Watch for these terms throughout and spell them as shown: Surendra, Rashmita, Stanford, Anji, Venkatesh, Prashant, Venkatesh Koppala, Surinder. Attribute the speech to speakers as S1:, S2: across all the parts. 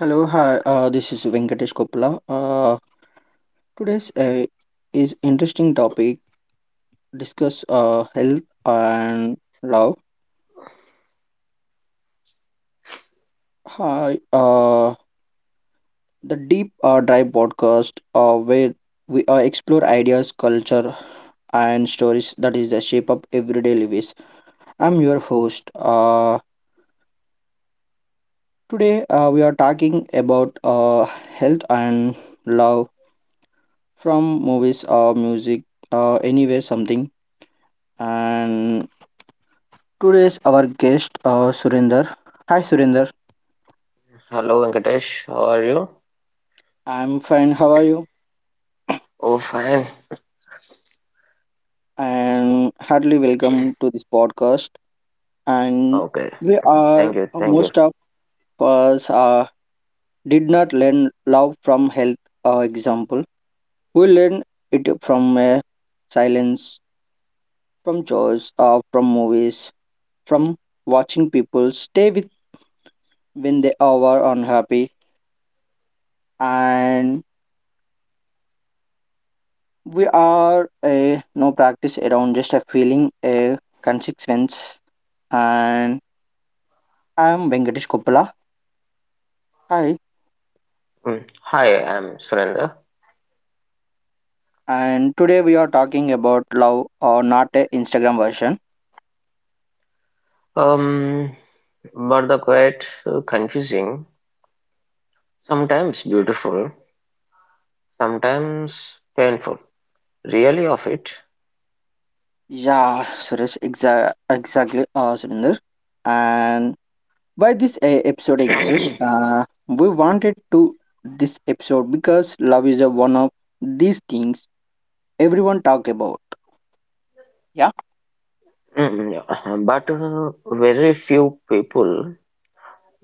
S1: Hello, hi. This is Venkatesh Koppala. Today's is interesting topic discuss health and love. Hi, the deep dive podcast where we explore ideas, culture, and stories that is the shape of everyday lives. I'm your host. Today we are talking about health and love from movies or music, anywhere something and today's our guest Surinder. Hi Surinder.
S2: Hello, Venkatesh. How are you?
S1: I'm fine. How are you?
S2: Oh, fine.
S1: And heartily welcome to this podcast. And
S2: Okay.
S1: we are
S2: Thank you. Thank you.
S1: most of us did not learn love from health example. We learn it from silence, from choice, from movies, from watching people stay with when they are unhappy. And we are a no practice around just a feeling, a consequence. And I'm Venkatesh Koppala. Hi.
S2: Mm. Hi, I'm Surendra.
S1: And today we are talking about love or not a Instagram version.
S2: Um, but the quite confusing, sometimes beautiful, sometimes painful. Really of it.
S1: Yeah, Suresh, exactly, Surinder. And why this episode exists? We wanted to this episode because love is a one of these things everyone talk about. Yeah.
S2: Yeah. But very few people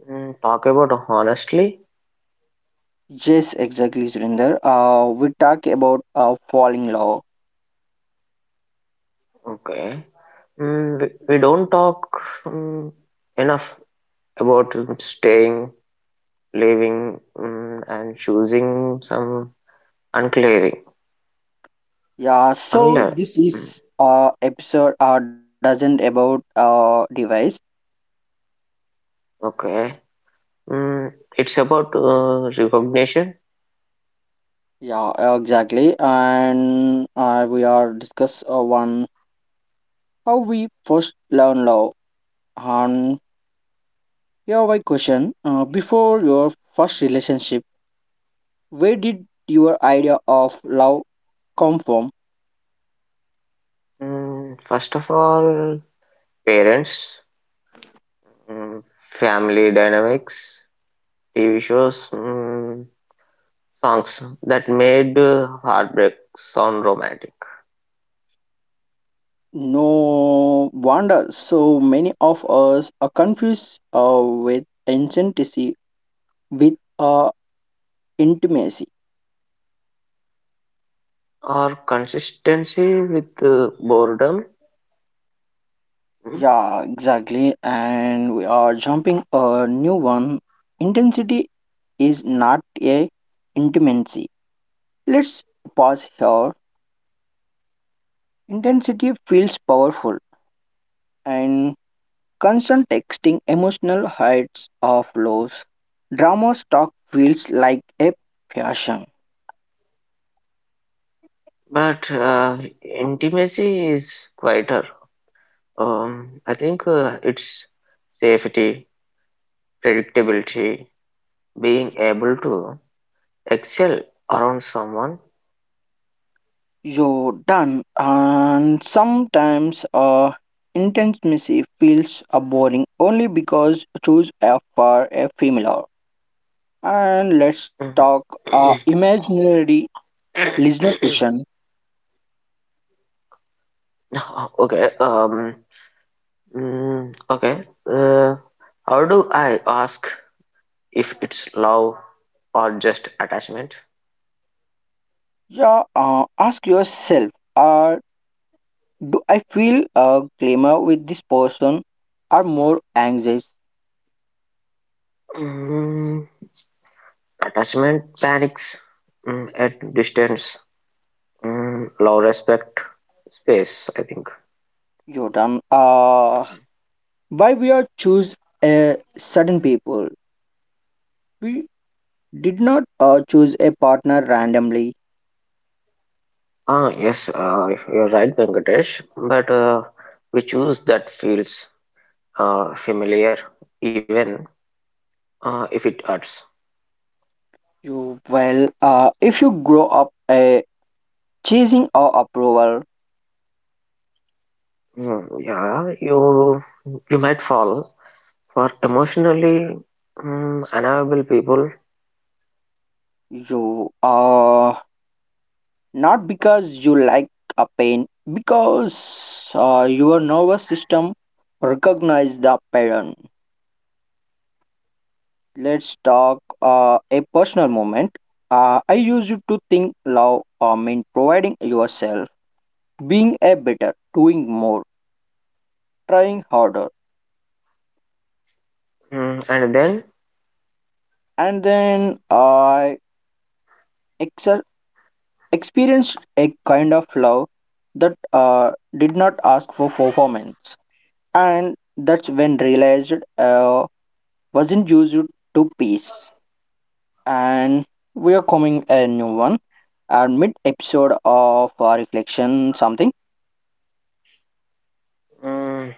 S2: talk about honestly.
S1: Yes, exactly, Surinder. We talk about falling law.
S2: Okay. We don't talk mm, enough about staying leaving and choosing some unclearing.
S1: Yeah, so
S2: Unlearn.
S1: this
S2: Mm,
S1: is episode doesn't about device.
S2: okay. It's about recognition.
S1: Yeah, exactly. And we are discuss one how we first learn law. And here my question: before your first relationship, where did your idea of love come from?
S2: First of all, parents, mm, family dynamics, TV shows, songs that made heartbreak sound romantic.
S1: No wonder so many of us are confused with authenticity with intimacy.
S2: Or consistency with boredom. Mm,
S1: Yeah, exactly. And we are jumping a new one. Intensity is not a intimacy. Let's pause here. Intensity feels powerful and constant texting, emotional heights of lows. Drama stock feels like a passion.
S2: But Intimacy is quieter. I think it's safety, predictability, being able to excel around someone.
S1: You're done, and sometimes a intense missive feels boring only because choose a for a female. And let's
S2: Mhm.
S1: talk imaginary listener question.
S2: Okay. Okay. How do I ask if it's love or just attachment?
S1: Yeah, ask yourself: uh, do I feel a glamour with this person, or more anxious?
S2: Mm, Attachment panics at distance. Love respect space, I think.
S1: You're done. Why we are choose a certain people? We did not choose a partner randomly.
S2: Ah, yes, you're right, Venkatesh. But we choose that feels familiar, even if it hurts.
S1: You well, if you grow up chasing a approval,
S2: Yeah, you might fall for emotionally unavailable people,
S1: you not because you like a pain, because your nervous system recognize the pattern. Let's talk a personal moment. I used to think love meant providing yourself, being a better, doing more, trying harder,
S2: mm, and then
S1: and then I experienced a kind of love that did not ask for performance, and that's when realized wasn't used to peace. And we are coming a new one, and mid episode of reflection something.
S2: mm,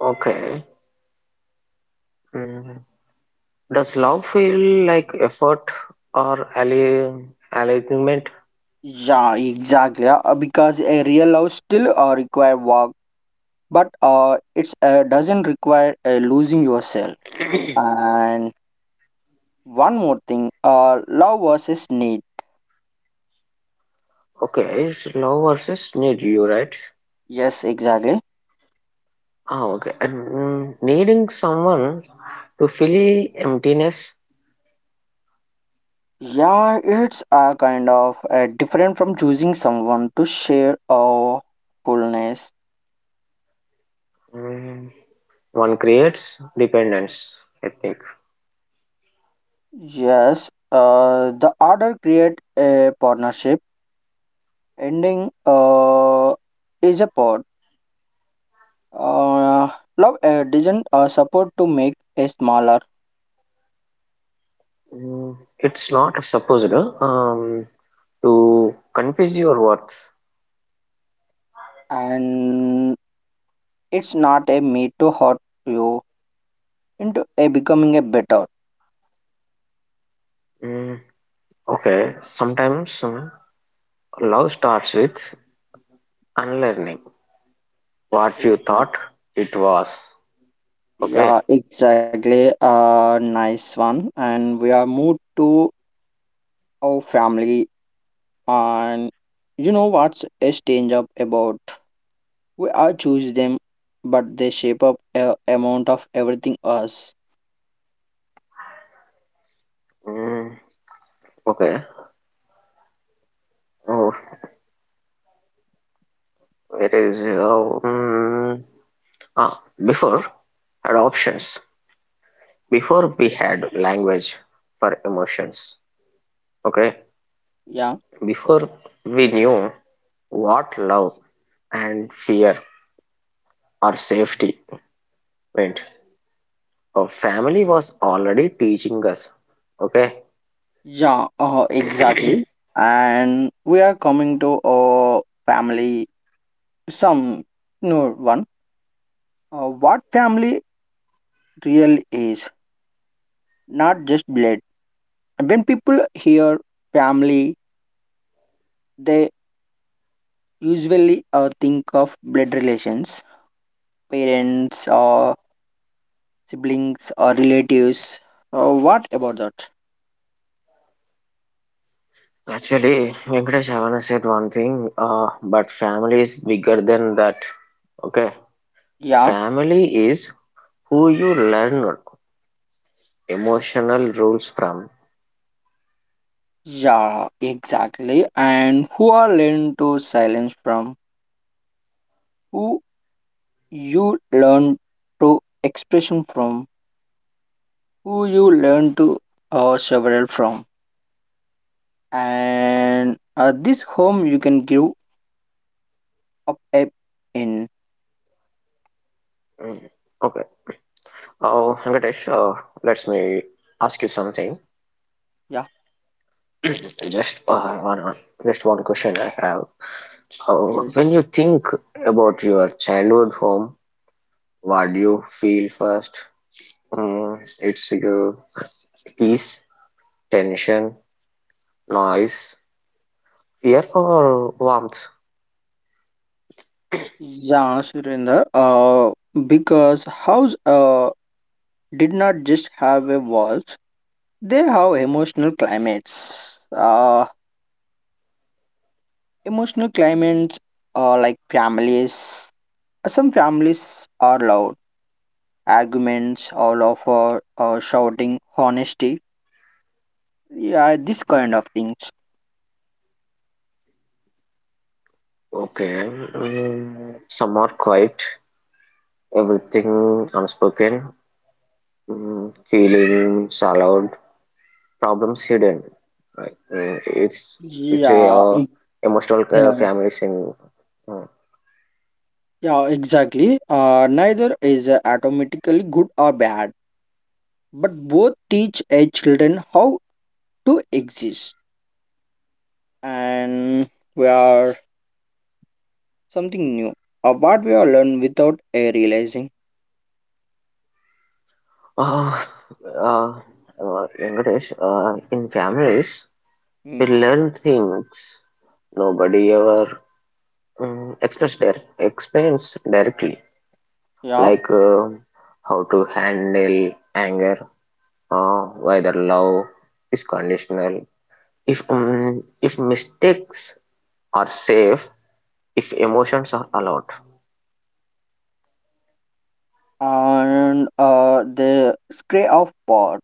S2: okay, mm, does love feel like effort or ally alignment?
S1: Yeah, exactly. Because a real love still require work, but it's doesn't require losing yourself. And one more thing, love versus need.
S2: Okay, it's love versus need you, right?
S1: Yes, exactly.
S2: Ah, okay, and needing someone to fill emptiness,
S1: Yeah, it's a kind of different from choosing someone to share our fullness.
S2: mm, one creates dependence, I think.
S1: Yes, the order create a partnership. Ending is a pod. Uh, Love doesn't support to make a smaller,
S2: It's not supposed to confuse your worth.
S1: and it's not a me to hurt you into a becoming a better.
S2: Mm, okay, sometimes love starts with unlearning what
S1: Oh.
S2: you thought it was. Okay,
S1: Yeah, exactly. Nice one. And we are moved to our family. And you know what's a strange up about? We are choose them, but they shape up a amount of everything us.
S2: mm, okay. Oh, it is. Before had options. Before we had language for emotions. Okay.
S1: Yeah.
S2: Before we knew what love and fear or safety meant, our family was already teaching us. Okay.
S1: Yeah.
S2: Actually,
S1: Exactly. And we are coming to a family. Some new one. What family real is? Not just blood. When people hear family, they usually think of blood relations, parents or siblings or relatives. What about that?
S2: Venkatesh Havana said one thing, but family is bigger than that. Okay.
S1: Yeah,
S2: Family is who you learn emotional rules from.
S1: yeah, exactly. And who are learn to silence from? Who you learn to expression from? Who you learn to several from? And this home you can give up a in.
S2: Mm, Okay. Oh, Venkatesh, let me ask you something.
S1: Yeah,
S2: Just uh, one, just one question I have. When you
S1: yes.
S2: think about your childhood home, what do you feel first? It's your peace, tension, noise, fear, or warmth?
S1: Yeah, Surinder. Because house did not just have a walls. They have emotional climates. Emotional climates are like families. Some families are loud, arguments, all of shouting, honesty. Yeah, this kind of things.
S2: Okay, Somewhat quiet, everything unspoken, feelings allowed, problems hidden. Right? It's a
S1: Yeah,
S2: emotional
S1: exa-
S2: families in. Uh,
S1: yeah, exactly. Neither is automatically good or bad, but both teach a children how to exist, and we are something new. What we are learn without a realizing.
S2: uh, uh, uh, Venkatesh, in
S1: Yeah.
S2: families. We
S1: Mm,
S2: learn things nobody ever expressed their experience directly,
S1: Yeah,
S2: like how to handle anger, whether love is conditional, if mistakes are safe, if emotions are allowed.
S1: and the scray of pot.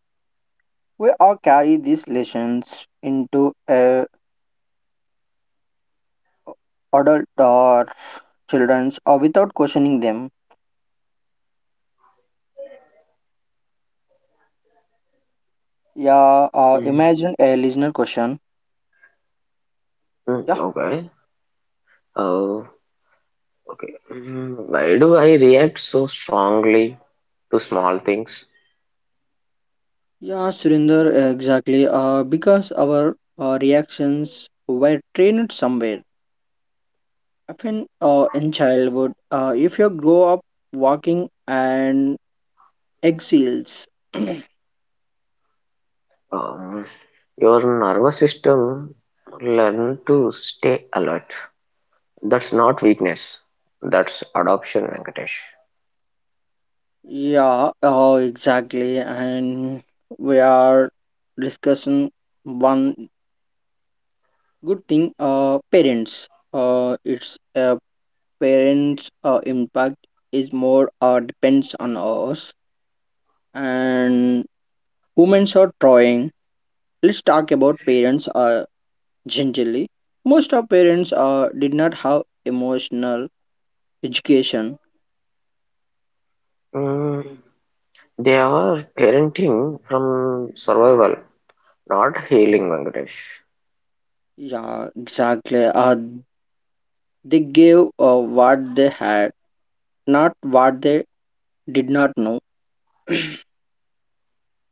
S1: We all carry these lessons into adult or children's or without questioning them. Yeah,
S2: Mm,
S1: imagine a listener question.
S2: mm,
S1: Yeah,
S2: okay. Uh, okay. Why do I react so strongly to small things?
S1: yeah, Surinder, exactly. Because our reactions were trained somewhere. Often in childhood, if you grow up walking and exiles.
S2: Um, your nervous system learn to stay alert. That's not weakness. That's adoption, Venkatesh.
S1: Yeah, oh, exactly. And we are discussing one good thing parents. It's parents' impact is more depends on us, and women are trying. Let's talk about parents generally. Most of parents did not have emotional education.
S2: Mm, they are parenting from survival, not healing, Venkatesh.
S1: Yeah, exactly. They gave what they had, not what they did not know.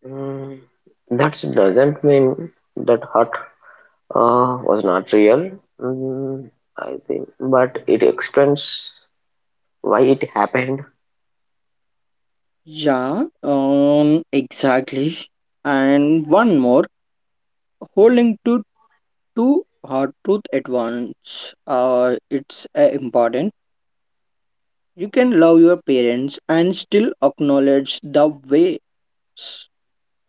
S2: Mm, that doesn't mean that hurt was not real. Mm, I think, but it explains why it happened.
S1: Yeah, exactly. And one more, holding to two hard truth at once. It's important. You can love your parents and still acknowledge the ways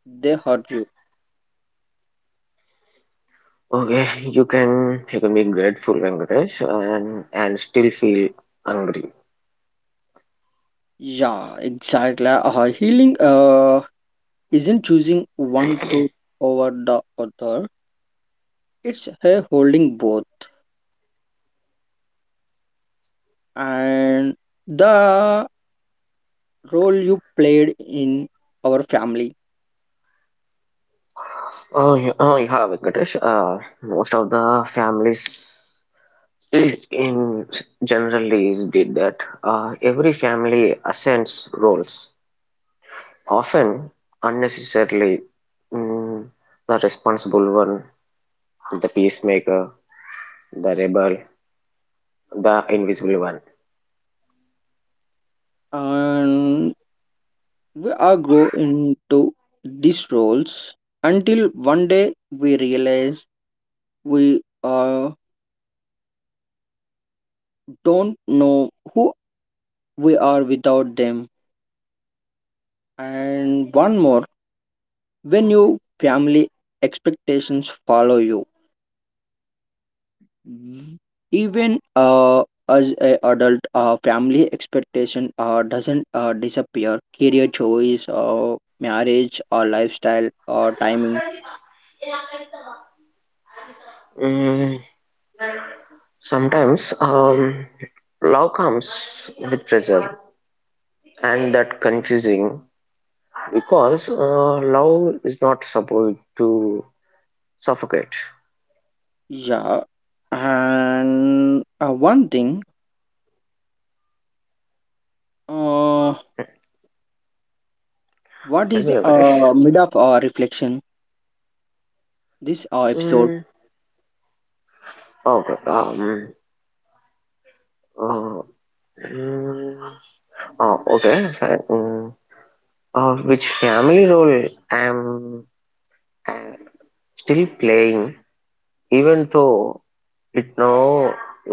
S1: they hurt you.
S2: Okay, you can be grateful, Venkatesh, and still feel hungry.
S1: Yeah, exactly. Healing isn't choosing one truth over the other. It's a holding both. And the role you played in our family
S2: Oh, yeah, oh yeah, Venkatesh. Most of the families in generally is did that. Every family assigns roles, often unnecessarily. Mm, the responsible one, the peacemaker, the rebel, the invisible one.
S1: and we all grow into these roles until one day we realize we don't know who we are without them. And one more, when your family expectations follow you, even as a adult, family expectation doesn't disappear. Career choice, or marriage, or lifestyle, or timing.
S2: Mm, sometimes love comes with pressure, and that confusing because love is not supposed to suffocate.
S1: Yeah, and one thing, uh, what
S2: Tell
S1: is
S2: me, Venkatesh.
S1: mid of reflection? This episode,
S2: Mm. Okay. Uh, mm, okay. Fine. Mm. Which family role i am I still playing, even though it no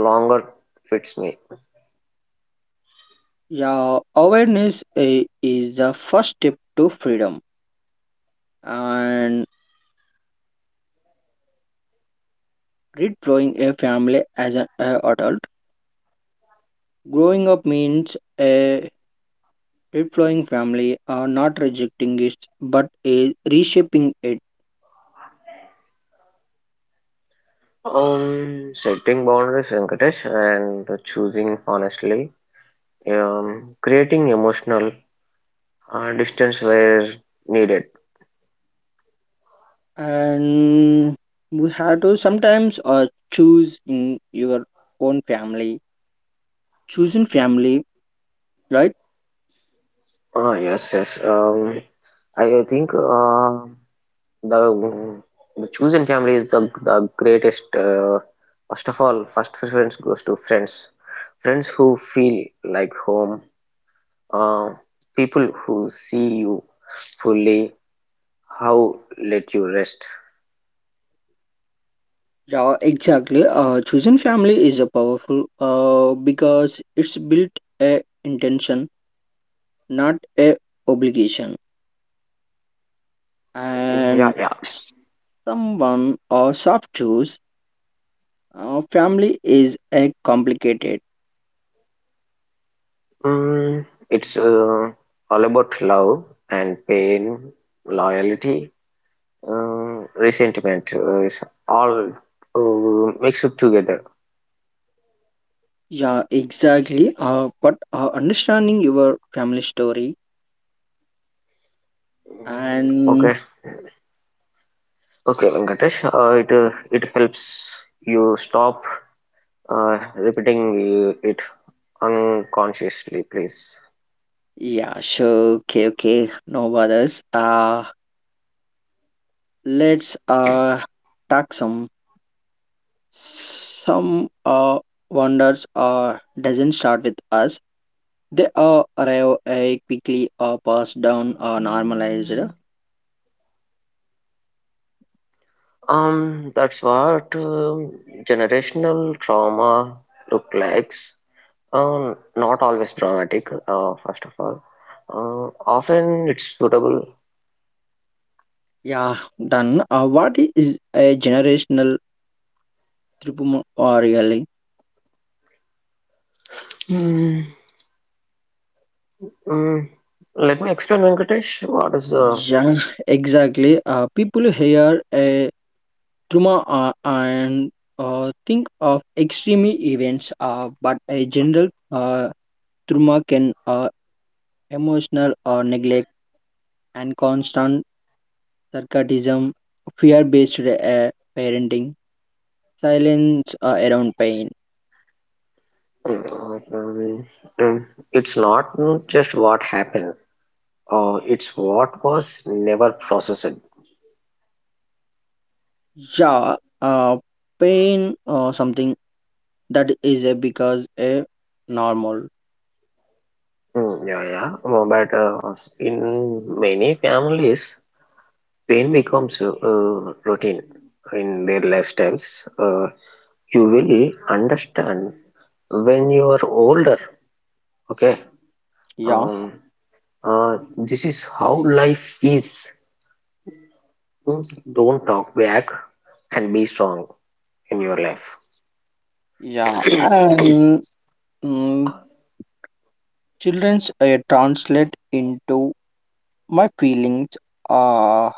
S2: longer fits me?
S1: yeah, awareness is the first step to freedom, and redeploying a family as an adult. Growing up means a redeploying family, not rejecting it, but a reshaping it,
S2: Setting boundaries, Venkatesh, and choosing honestly. Creating emotional distance where needed.
S1: and we have to sometimes choose in your own family. Chosen family, right?
S2: Ah, yes, yes. I think the chosen family is the greatest. First of all, first preference goes to friends. Friends who feel like home. Uh, People who see you fully, how let you rest.
S1: Yeah, exactly. Chosen family is a powerful because it's built a intention, not a obligation.
S2: Mm, Yeah,
S1: And
S2: yeah.
S1: someone or soft choose, family is a complicated.
S2: It's all about love and pain, loyalty. Resentment is all mixed together.
S1: Yeah, exactly. But understanding your family story and
S2: Okay, okay, Venkatesh. It helps you stop repeating it unconsciously, please.
S1: yeah, sure. Okay, okay. No bothers. Let's talk some wonders doesn't start with us. They arrive quickly.
S2: That's what generational trauma look like. Not always dramatic. First of all, often it's suitable.
S1: Yeah, done. What is a generational tripuma or really?
S2: Mm, mm. Let me explain, Venkatesh. What is
S1: Yeah, exactly. People hear a trauma and think of extreme events, but a general trauma can emotional neglect and constant sarcasm, fear-based parenting, silence around pain.
S2: Uh, um, um, it's not just what happened, it's what was never processed.
S1: Yeah, uh, pain or something that is a because a normal.
S2: Yeah, yeah. But in many families, pain becomes routine in their lifestyles. Uh, you will understand when you are older. Okay.
S1: Yeah,
S2: Um, this is how life is. Mm, Don't talk back and be strong in your life.
S1: yeah. And mm, children's translate into my feelings uh,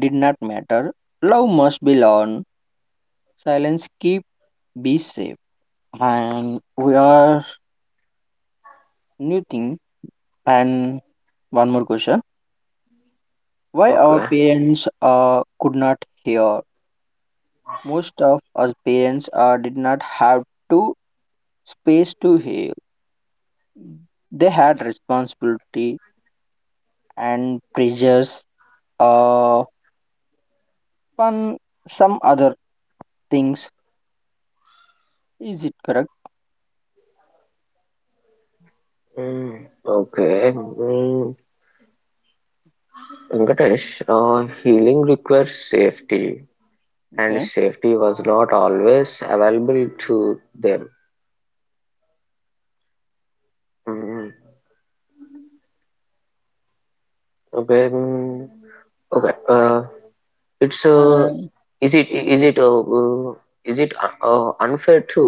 S1: did not matter. Love must be learned. Silence keep be safe. And we are new thing. And one more question. Why our
S2: Okay.
S1: parents could not hear? Most of us parents did not have to space to hear they had responsibility and pressures uh on some other things is it correct
S2: Mm, okay. Mm, Venkatesh, healing requires safety, and safety was not always available to them. Mm, okay. mm, okay. It's is it is it Is it unfair to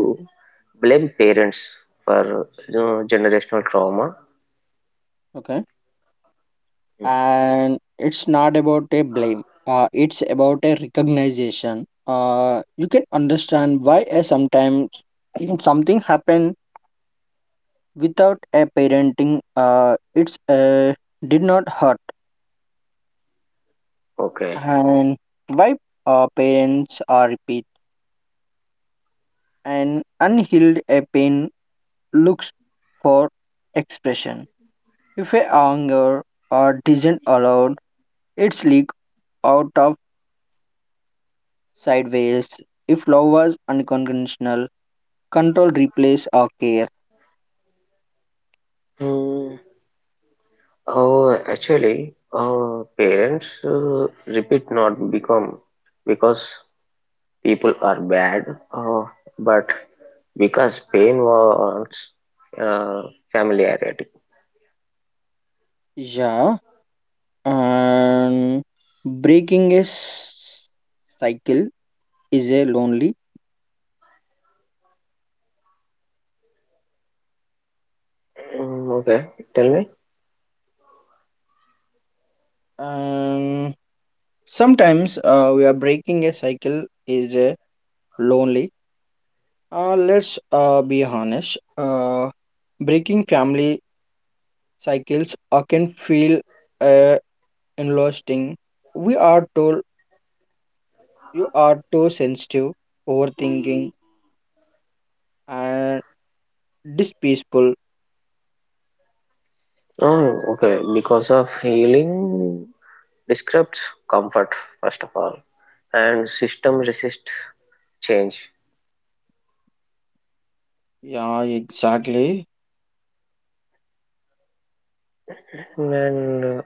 S2: blame parents for you know, generational trauma? Mm,
S1: organization you can understand why sometimes something happened without a parenting it's did not hurt
S2: Okay.
S1: and why parents are repeat and unhealed a pain looks for expression if a anger or isn't allowed it's leak out of sideways if love was unconventional control replace our care.
S2: Hmm. Oh, actually, parents repeat not become because people are bad, but because pain wants uh, familiarity.
S1: Yeah and breaking a cycle is a lonely
S2: Okay, tell me.
S1: and sometimes we are breaking a cycle is a lonely. Let's be honest. Breaking family cycles can feel uh, enlisting. We are told you are too sensitive, overthinking, and dispeaceful.
S2: Oh, okay. Because of healing describes comfort first of all, and system resist change.
S1: Yeah, exactly.
S2: And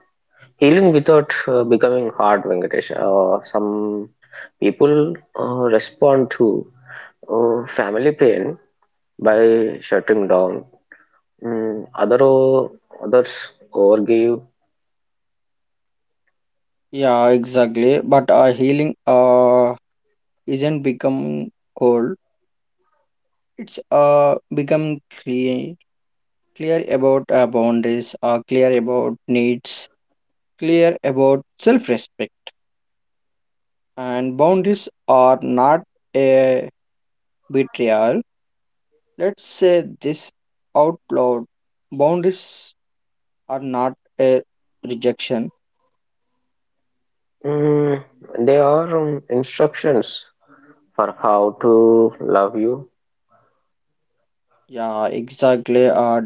S2: healing without becoming hard, Venkatesh. Some people respond to family pain by shutting down. Mm, other o- Others overgive.
S1: Yeah, exactly. But healing isn't becoming cold. It's become clear, clear about our boundaries, are clear about needs, clear about self-respect. And boundaries are not a betrayal. Let's say this out loud. Boundaries are not a rejection.
S2: Mm, there are instructions for how to love you.
S1: Yeah, exactly.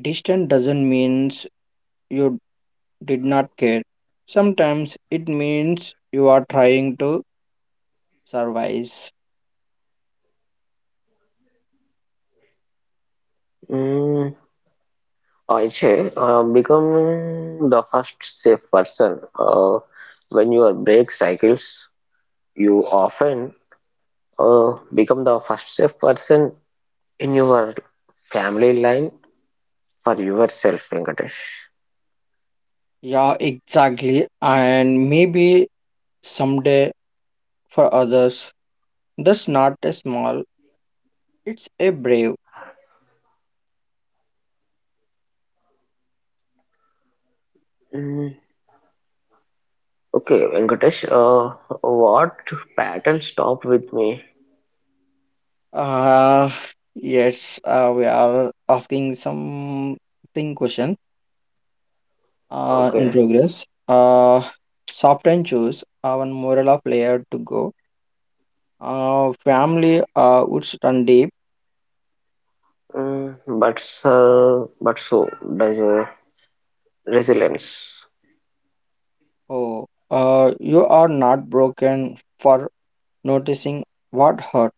S1: Distant doesn't means you did not care. Sometimes it means you are trying to survive.
S2: Mm, I say, become the first safe person. When your break cycles, you often become the first safe person in your family line for yourself, Venkatesh.
S1: Yeah, exactly. And maybe someday for others, that's not a small, it's a brave.
S2: Mm, okay, Venkatesh, what pattern stopped with me?
S1: Uh, yes, we are asking something question in
S2: Okay.
S1: progress. Soft and choose, one moral of layer to go. Family would run deep.
S2: But so does resilience.
S1: Oh, you are not broken for noticing what hurt.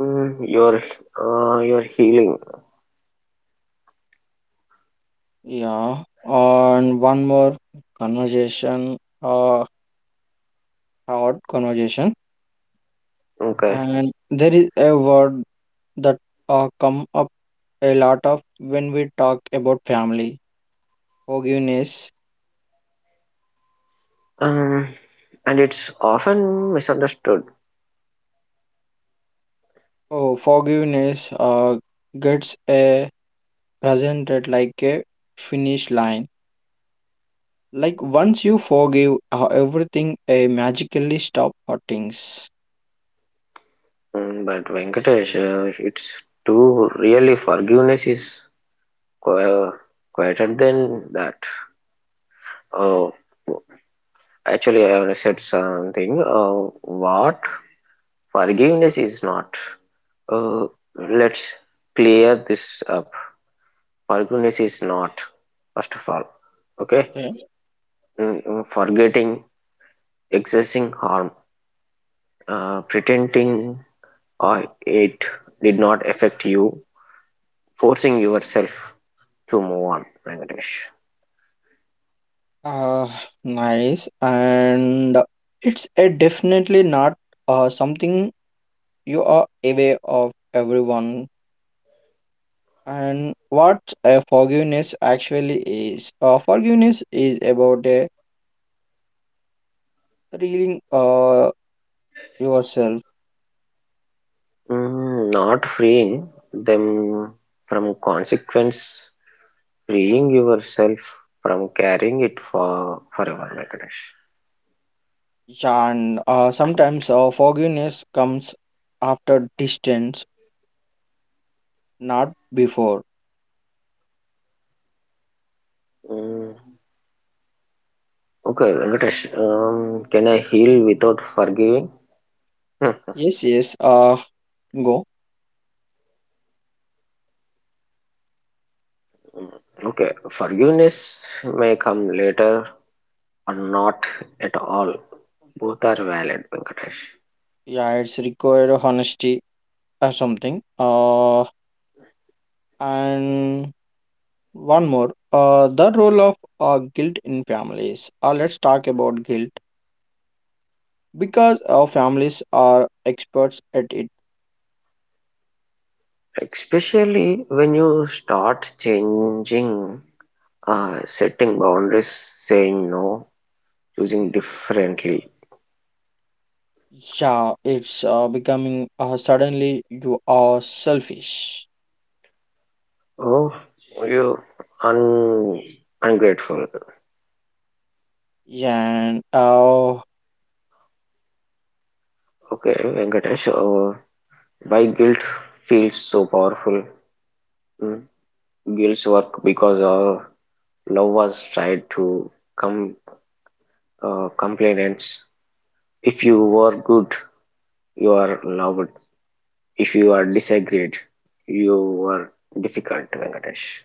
S2: Your your healing.
S1: Yeah, and one more conversation, uh, hard conversation,
S2: okay
S1: and there is a word that come up a lot of when we talk about family. Forgiveness.
S2: um, and it's often misunderstood.
S1: Oh, forgiveness gets a presented like a finish line. Like once you forgive, everything magically stop hurtings.
S2: But Venkatesh, it's too really forgiveness is qu- quieter than that. Oh, actually I have said something, what forgiveness is not. uh, let's clear this up. Forgiveness is not, first of all, okay, forgetting, excessing harm, pretending uh, it did not affect you, forcing yourself to move on, Venkatesh.
S1: Uh, Nice. And it's a definitely not something you are aware of everyone. And what a forgiveness actually is. Forgiveness is about a healing yourself.
S2: Not freeing them from consequence, freeing yourself from carrying it for forever, Venkatesh.
S1: And sometimes forgiveness comes after distance, not before.
S2: Mm, okay, Venkatesh, can I heal without forgiving? Hmm,
S1: Yes, yes. Go.
S2: okay, forgiveness may come later or not at all. Both are valid, Venkatesh.
S1: Yeah, it's required honesty or something. And one more, the role of guilt in families. Let's talk about guilt because families are experts at it.
S2: Especially when you start changing, setting boundaries, saying no, choosing differently.
S1: Yeah, it's becoming suddenly you are selfish.
S2: Oh, you un ungrateful.
S1: And
S2: Okay, Venkatesh, why guilt feels so powerful? Hmm? Guilt's work because love was tried to come complainants. If you were good, you are loved. If you are disagreed, you were difficult, Venkatesh.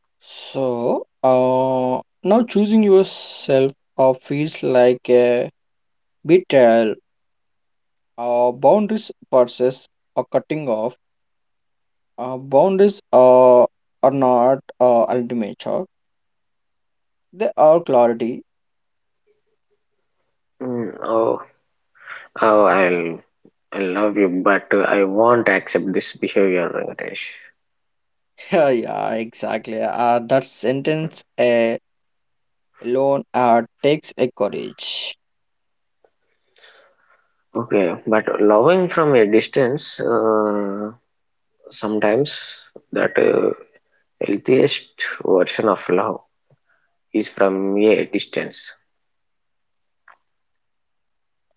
S1: so now choosing yourself feels like a betrayal. Boundaries versus a cutting off. Boundaries are not ultimate, sure. The are clarity.
S2: Mm, oh, oh, I'll, I love you, but I won't accept this behavior, Venkatesh.
S1: Yeah, yeah, exactly. That sentence alone takes a courage.
S2: Okay, but loving from a distance, sometimes that healthiest version of love is from a distance.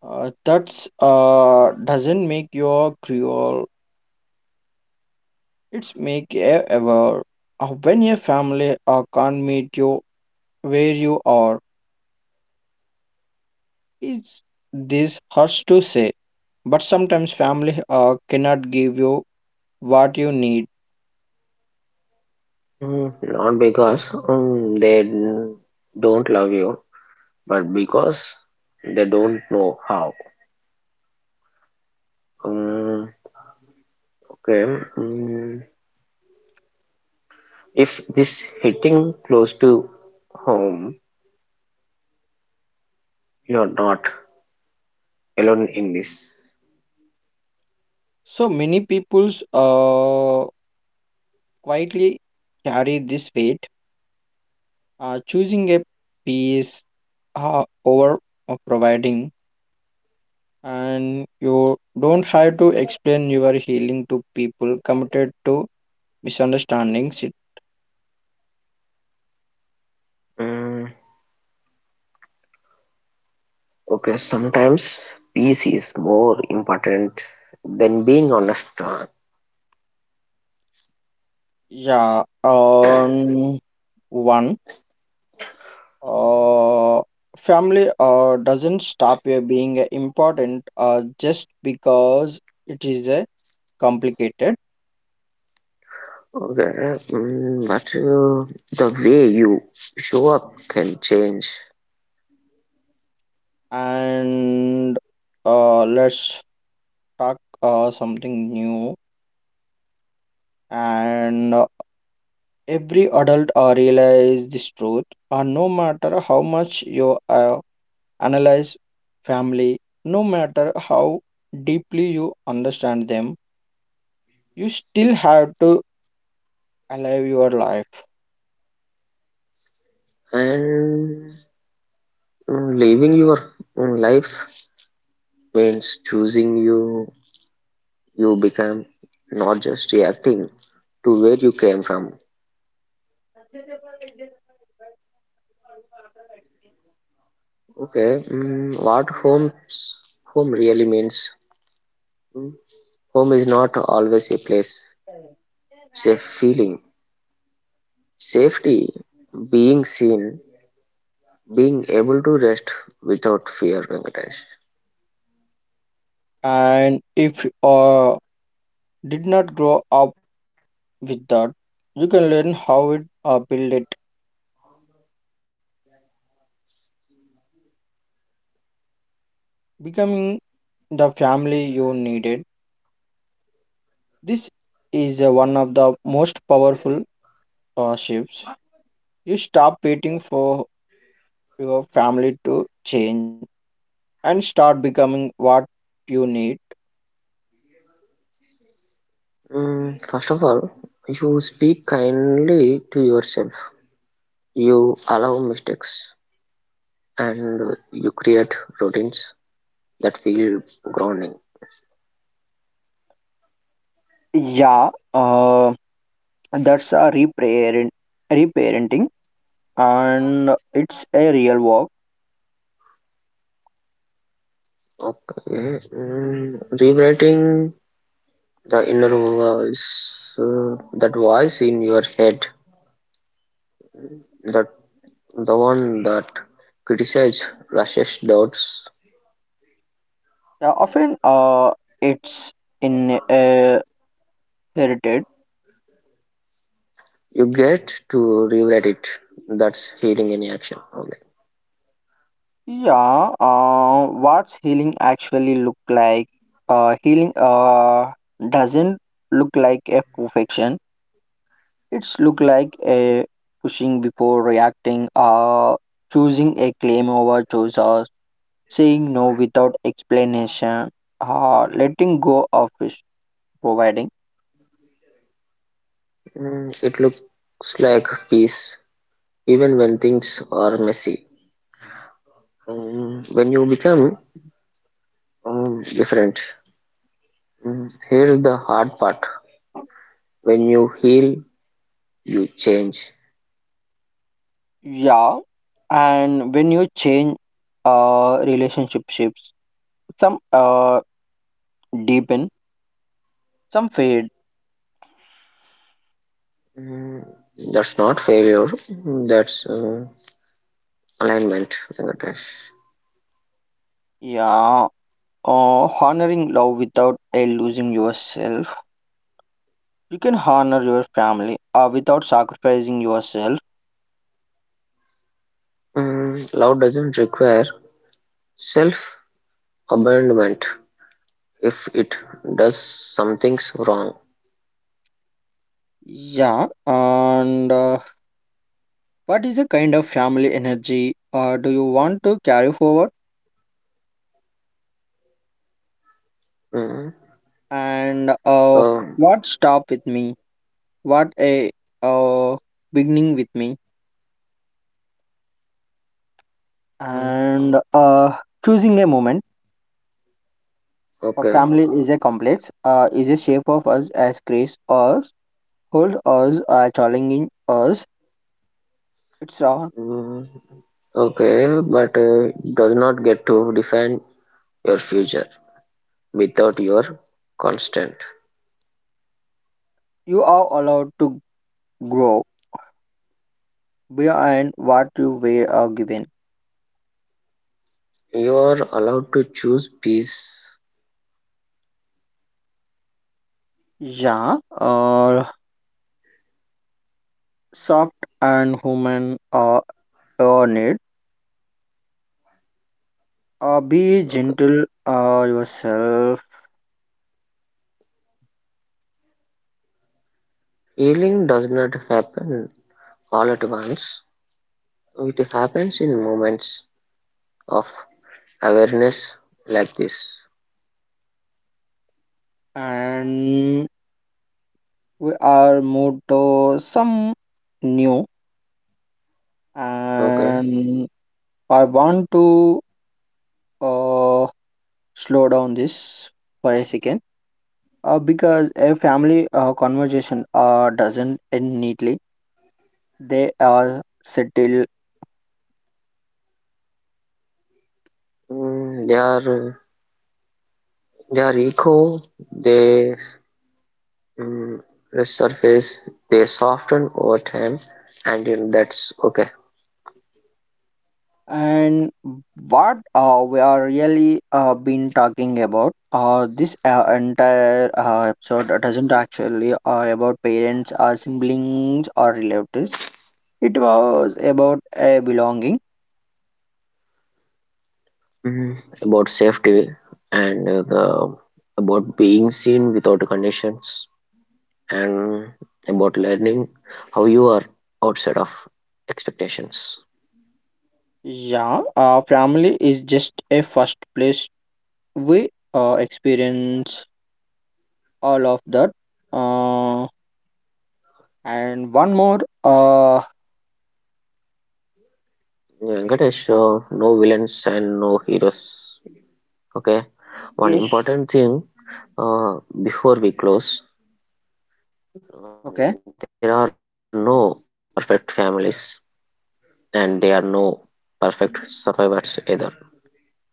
S1: That's doesn't make you cruel. It's make you ever. When your family can't meet you where you are, it's this hurts to say. But sometimes family cannot give you what you need.
S2: Not because don't love you, but because they don't know how. Mm, okay. mm, if this hitting close to home, you're not alone in this.
S1: So many people's quietly carry this weight choosing a piece over providing, and you don't have to explain your healing to people committed to misunderstandings. It-
S2: Mm, okay, sometimes peace is more important than being honest.
S1: yeah, one uh, family doesn't stop you being important just because it is a complicated.
S2: Okay, but the way you show up can change,
S1: And let's talk something new. And every adult realizes this truth, no matter how much you analyze family, no matter how deeply you understand them, you still have to live your life.
S2: and living your life means choosing you. You become not just reacting to where you came from. Okay, what homes home really means. Mm, Home is not always a place. Safe feeling, safety, being seen, being able to rest without fear, Venkatesh.
S1: And if you did not grow up with that, you can learn how it build it, becoming the family you needed. This is one of the most powerful shifts. You stop waiting for your family to change and start becoming what you need.
S2: First of all, you speak kindly to yourself. You allow mistakes and you create routines that feel grounding.
S1: Yeah, that's a reparent, reparenting, and it's a real work.
S2: Okay. Rewriting the inner voice, that voice in your head, that the one that criticizes, rushes doubts.
S1: Yeah, often it's inherited.
S2: You get to rewrite it. That's healing in action. Okay.
S1: Yeah, what's healing actually look like? Healing doesn't look like a perfection. It's look like a pushing before reacting, choosing a claim over choices, saying no without explanation, letting go of is providing.
S2: It looks like peace, even when things are messy. When you become different, here's the hard part. When you heal, you change.
S1: Yeah, and when you change, relationship shifts. Some deepen, some fade.
S2: Mm, that's not failure. That's alignment.
S1: Yeah, honoring love without losing yourself. You can honor your family without sacrificing yourself.
S2: Love doesn't require self abandonment. If it does, something's wrong.
S1: Yeah, and. What is the kind of family energy do you want to carry forward?
S2: Mm.
S1: And
S2: Um,
S1: what stop with me? What a uh, beginning with me?
S2: Mm,
S1: And choosing a moment. A
S2: Okay.
S1: family is a complex, is a shape of us as grace us, hold us, challenging us. It's
S2: Mm, Okay, but it does not get to define your future without your constant.
S1: you are allowed to grow beyond what you were given.
S2: You are allowed to choose peace.
S1: Yeah, soft and human need. Be
S2: Okay.
S1: gentle yourself,
S2: Healing does not happen all at once. It happens in moments of awareness like this.
S1: and we are moved to some new.
S2: Okay.
S1: And I want to uh, slow down this for a second because a family conversation doesn't end neatly. They are settled.
S2: Mm, they are they are echo. They mm, resurface. They soften over time, and in- that's okay.
S1: And what we are really been talking about, this entire episode doesn't actually about parents or siblings or relatives. It was about a belonging.
S2: Mhm. About safety and the about being seen without conditions, and about learning how you are outside of expectations.
S1: Yeah, family is just a first place we experience all of that. Uh, and one more.
S2: Venkatesh, no villains and no heroes. Okay, one
S1: Yes.
S2: important thing, uh, before we close, there are
S1: Okay.
S2: no perfect families and there are no perfect survivors either.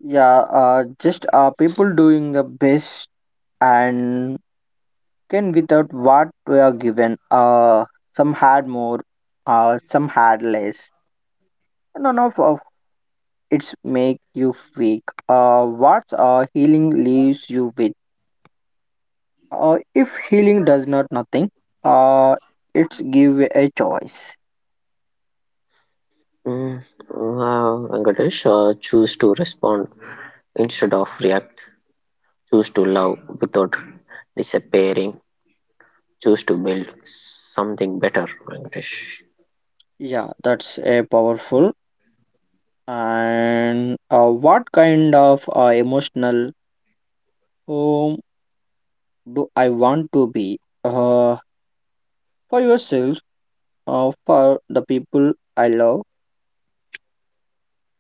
S1: Yeah. Just people doing the best and can without what we are given. Some had more, some had less. None of, of it's make you weak. What healing leaves you with? If healing does not nothing, uh, it's give a choice.
S2: Mm, wow, Venkatesh, choose to respond instead of react. Choose to love without disappearing. Choose to build something better, Venkatesh.
S1: Yeah, that's a powerful. And what kind of emotional home do I want to be? Uh, for yourself, for the people I love,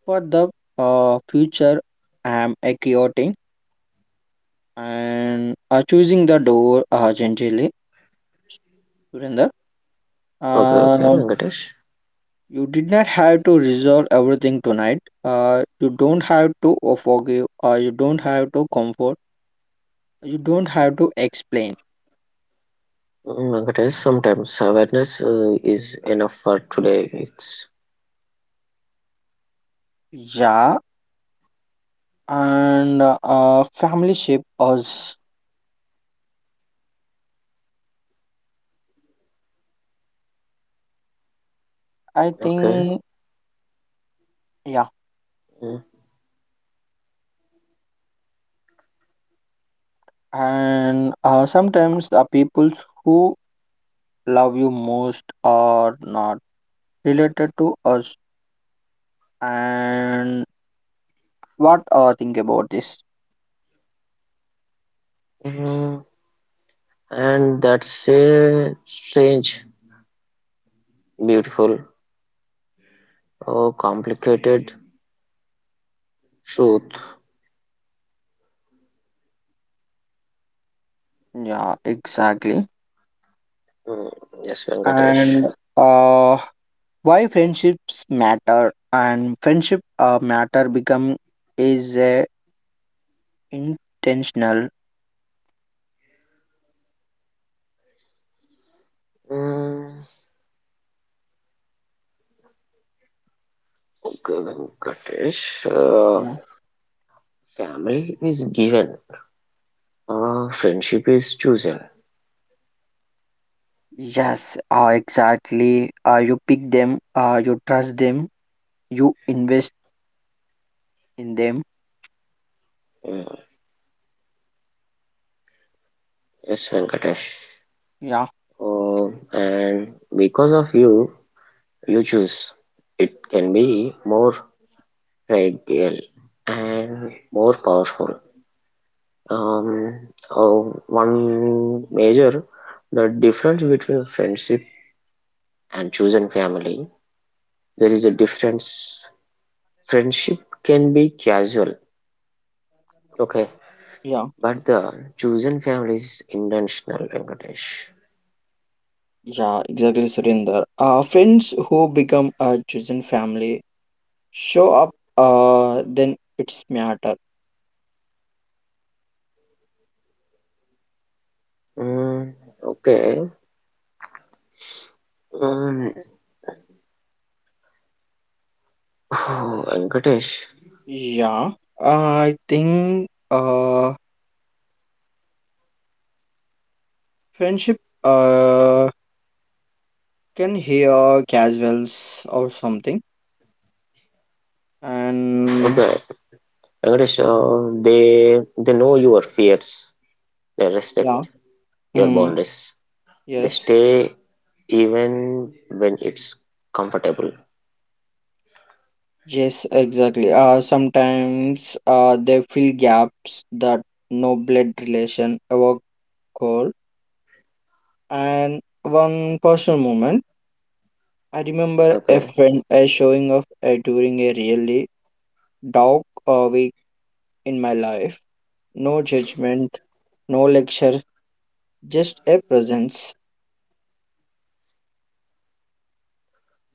S1: for the future, I am a chaotic and choosing the door gently. Surinder,
S2: Okay, okay,
S1: um,
S2: Venkatesh.
S1: you did not have to resolve everything tonight. You don't have to forgive. You don't have to comfort. You don't have to explain.
S2: Venkatesh, sometimes awareness is enough for today. It's
S1: Yeah, and family shape us. I
S2: okay.
S1: think yeah,
S2: Mm,
S1: and sometimes the people who love you most are not related to us, and what think about this.
S2: mm, and that's a strange, beautiful, or complicated truth.
S1: Yeah, exactly.
S2: Mm, yes, Venkatesh.
S1: And uh why friendships matter, and friendship matter become is intentional.
S2: Mm, Venkatesh,
S1: Yeah,
S2: family is given, friendship is chosen.
S1: yes, exactly. You pick them, you trust them, you invest in them.
S2: Yeah, yes, Venkatesh.
S1: Yeah,
S2: And because of you, you choose. It can be more fragile and more powerful. Oh, one major the difference between friendship and chosen family. There is a difference. Friendship can be casual. Okay.
S1: yeah,
S2: But the chosen family is intentional, Venkatesh.
S1: yeah, exactly, Surinder. Friends who become a chosen family show up, then it's matter.
S2: Mm, okay. Mm, Venkatesh.
S1: Yeah, I think friendship uh, can hear casuals or something. And
S2: Okay. Venkatesh, they know your fears. They
S1: yeah,
S2: respect your
S1: mm,
S2: boundaries. They
S1: yes,
S2: stay even when it's comfortable.
S1: yes, exactly. Sometimes they fill gaps that no blood relation ever call. And one personal moment, I remember a
S2: Okay.
S1: friend showing up during a really dark week in my life. No judgment, no lecture, just a presence.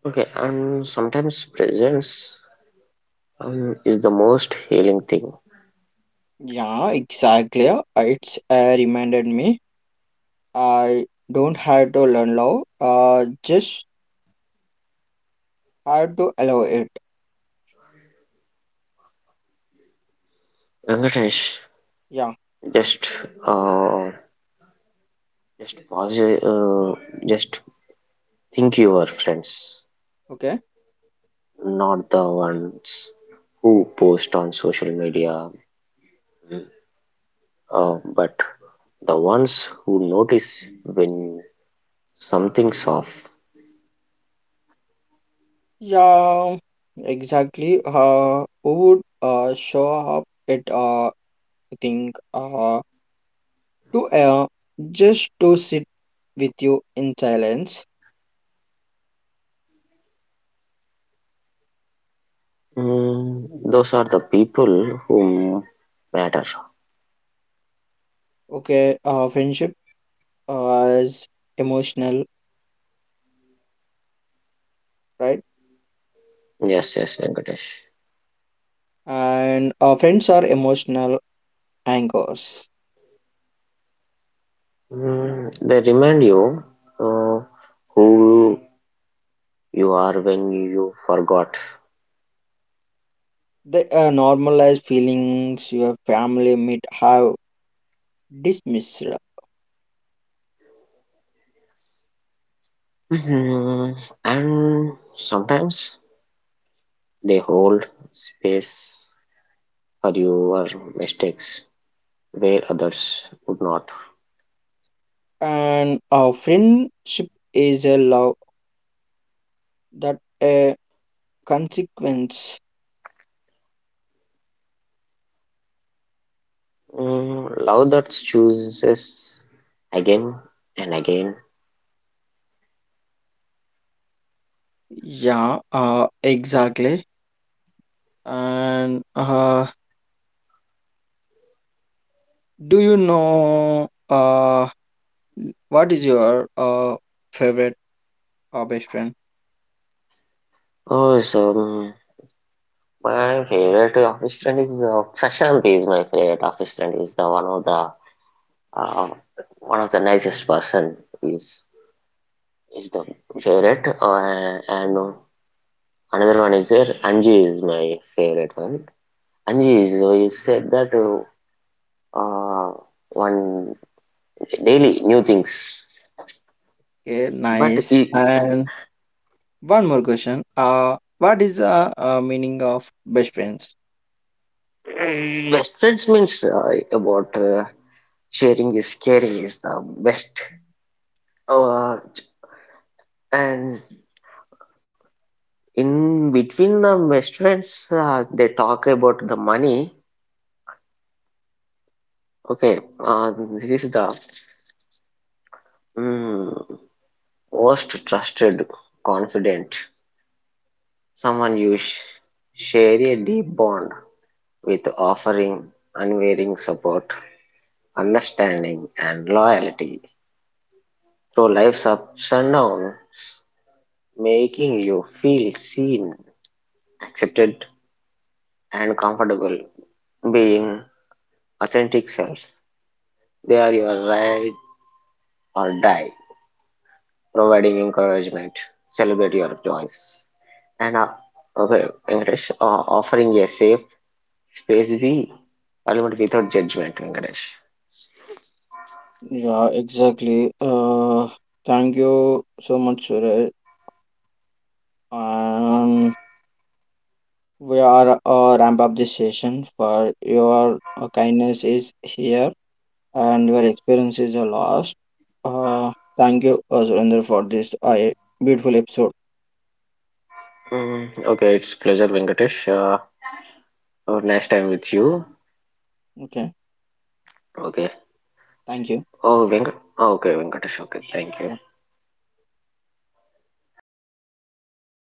S2: Okay. And sometimes presence is the most healing thing.
S1: Yeah, exactly. It's reminded me I don't have to learn love. Just have to allow it.
S2: Venkatesh,
S1: Yeah.
S2: just uh, just pause. Just think your friends,
S1: Okay.
S2: not the ones who post on social media, but the ones who notice when something's off.
S1: Yeah. Exactly. Who would show up at uh, I think to uh, just to sit with you in silence.
S2: Those are the people who matter.
S1: Okay. Friendship is emotional, right?
S2: Yes, yes, Venkatesh.
S1: And friends are emotional anchors.
S2: They remind you uh, who you are when you forgot.
S1: The normalized feelings your family might have dismissed,
S2: Mhm. And sometimes they hold space for your mistakes where others would not.
S1: and a friendship is a love that a consequence.
S2: Love that chooses again and again.
S1: Yeah, exactly. And do you know what is your favorite or best friend?
S2: Oh, so my favorite office friend is Prashant. Is my favorite office friend. Is the one of the uh, one of the nicest person. Is is the favorite. And another one is there. Anji is my favorite one. Anji is you said that uh, one daily new things.
S1: Okay,
S2: But
S1: nice.
S2: i-
S1: And one more question. What is the meaning of best friends?
S2: Best friends means about sharing is caring is the best. Uh, and in between the best friends, they talk about the money. Okay, this is the mm, most trusted, confident, someone you share a deep bond with, offering unwavering support, understanding, and loyalty through life's ups and downs, making you feel seen, accepted, and comfortable being authentic self. They are your ride or die, providing encouragement, celebrate your joys, and okay, Venkatesh, offering a safe space we element without judgment, Venkatesh.
S1: Yeah, exactly. Thank you so much, Suraj. Um, we are ramp up this session for your kindness is here and your experiences are lost. Thank you, Surinder, for this beautiful episode.
S2: Okay, it's pleasure, Venkatesh. Oh, nice time with you.
S1: Okay,
S2: Okay.
S1: thank you.
S2: Oh, Venk. Oh, okay, Venkatesh. Okay, thank you.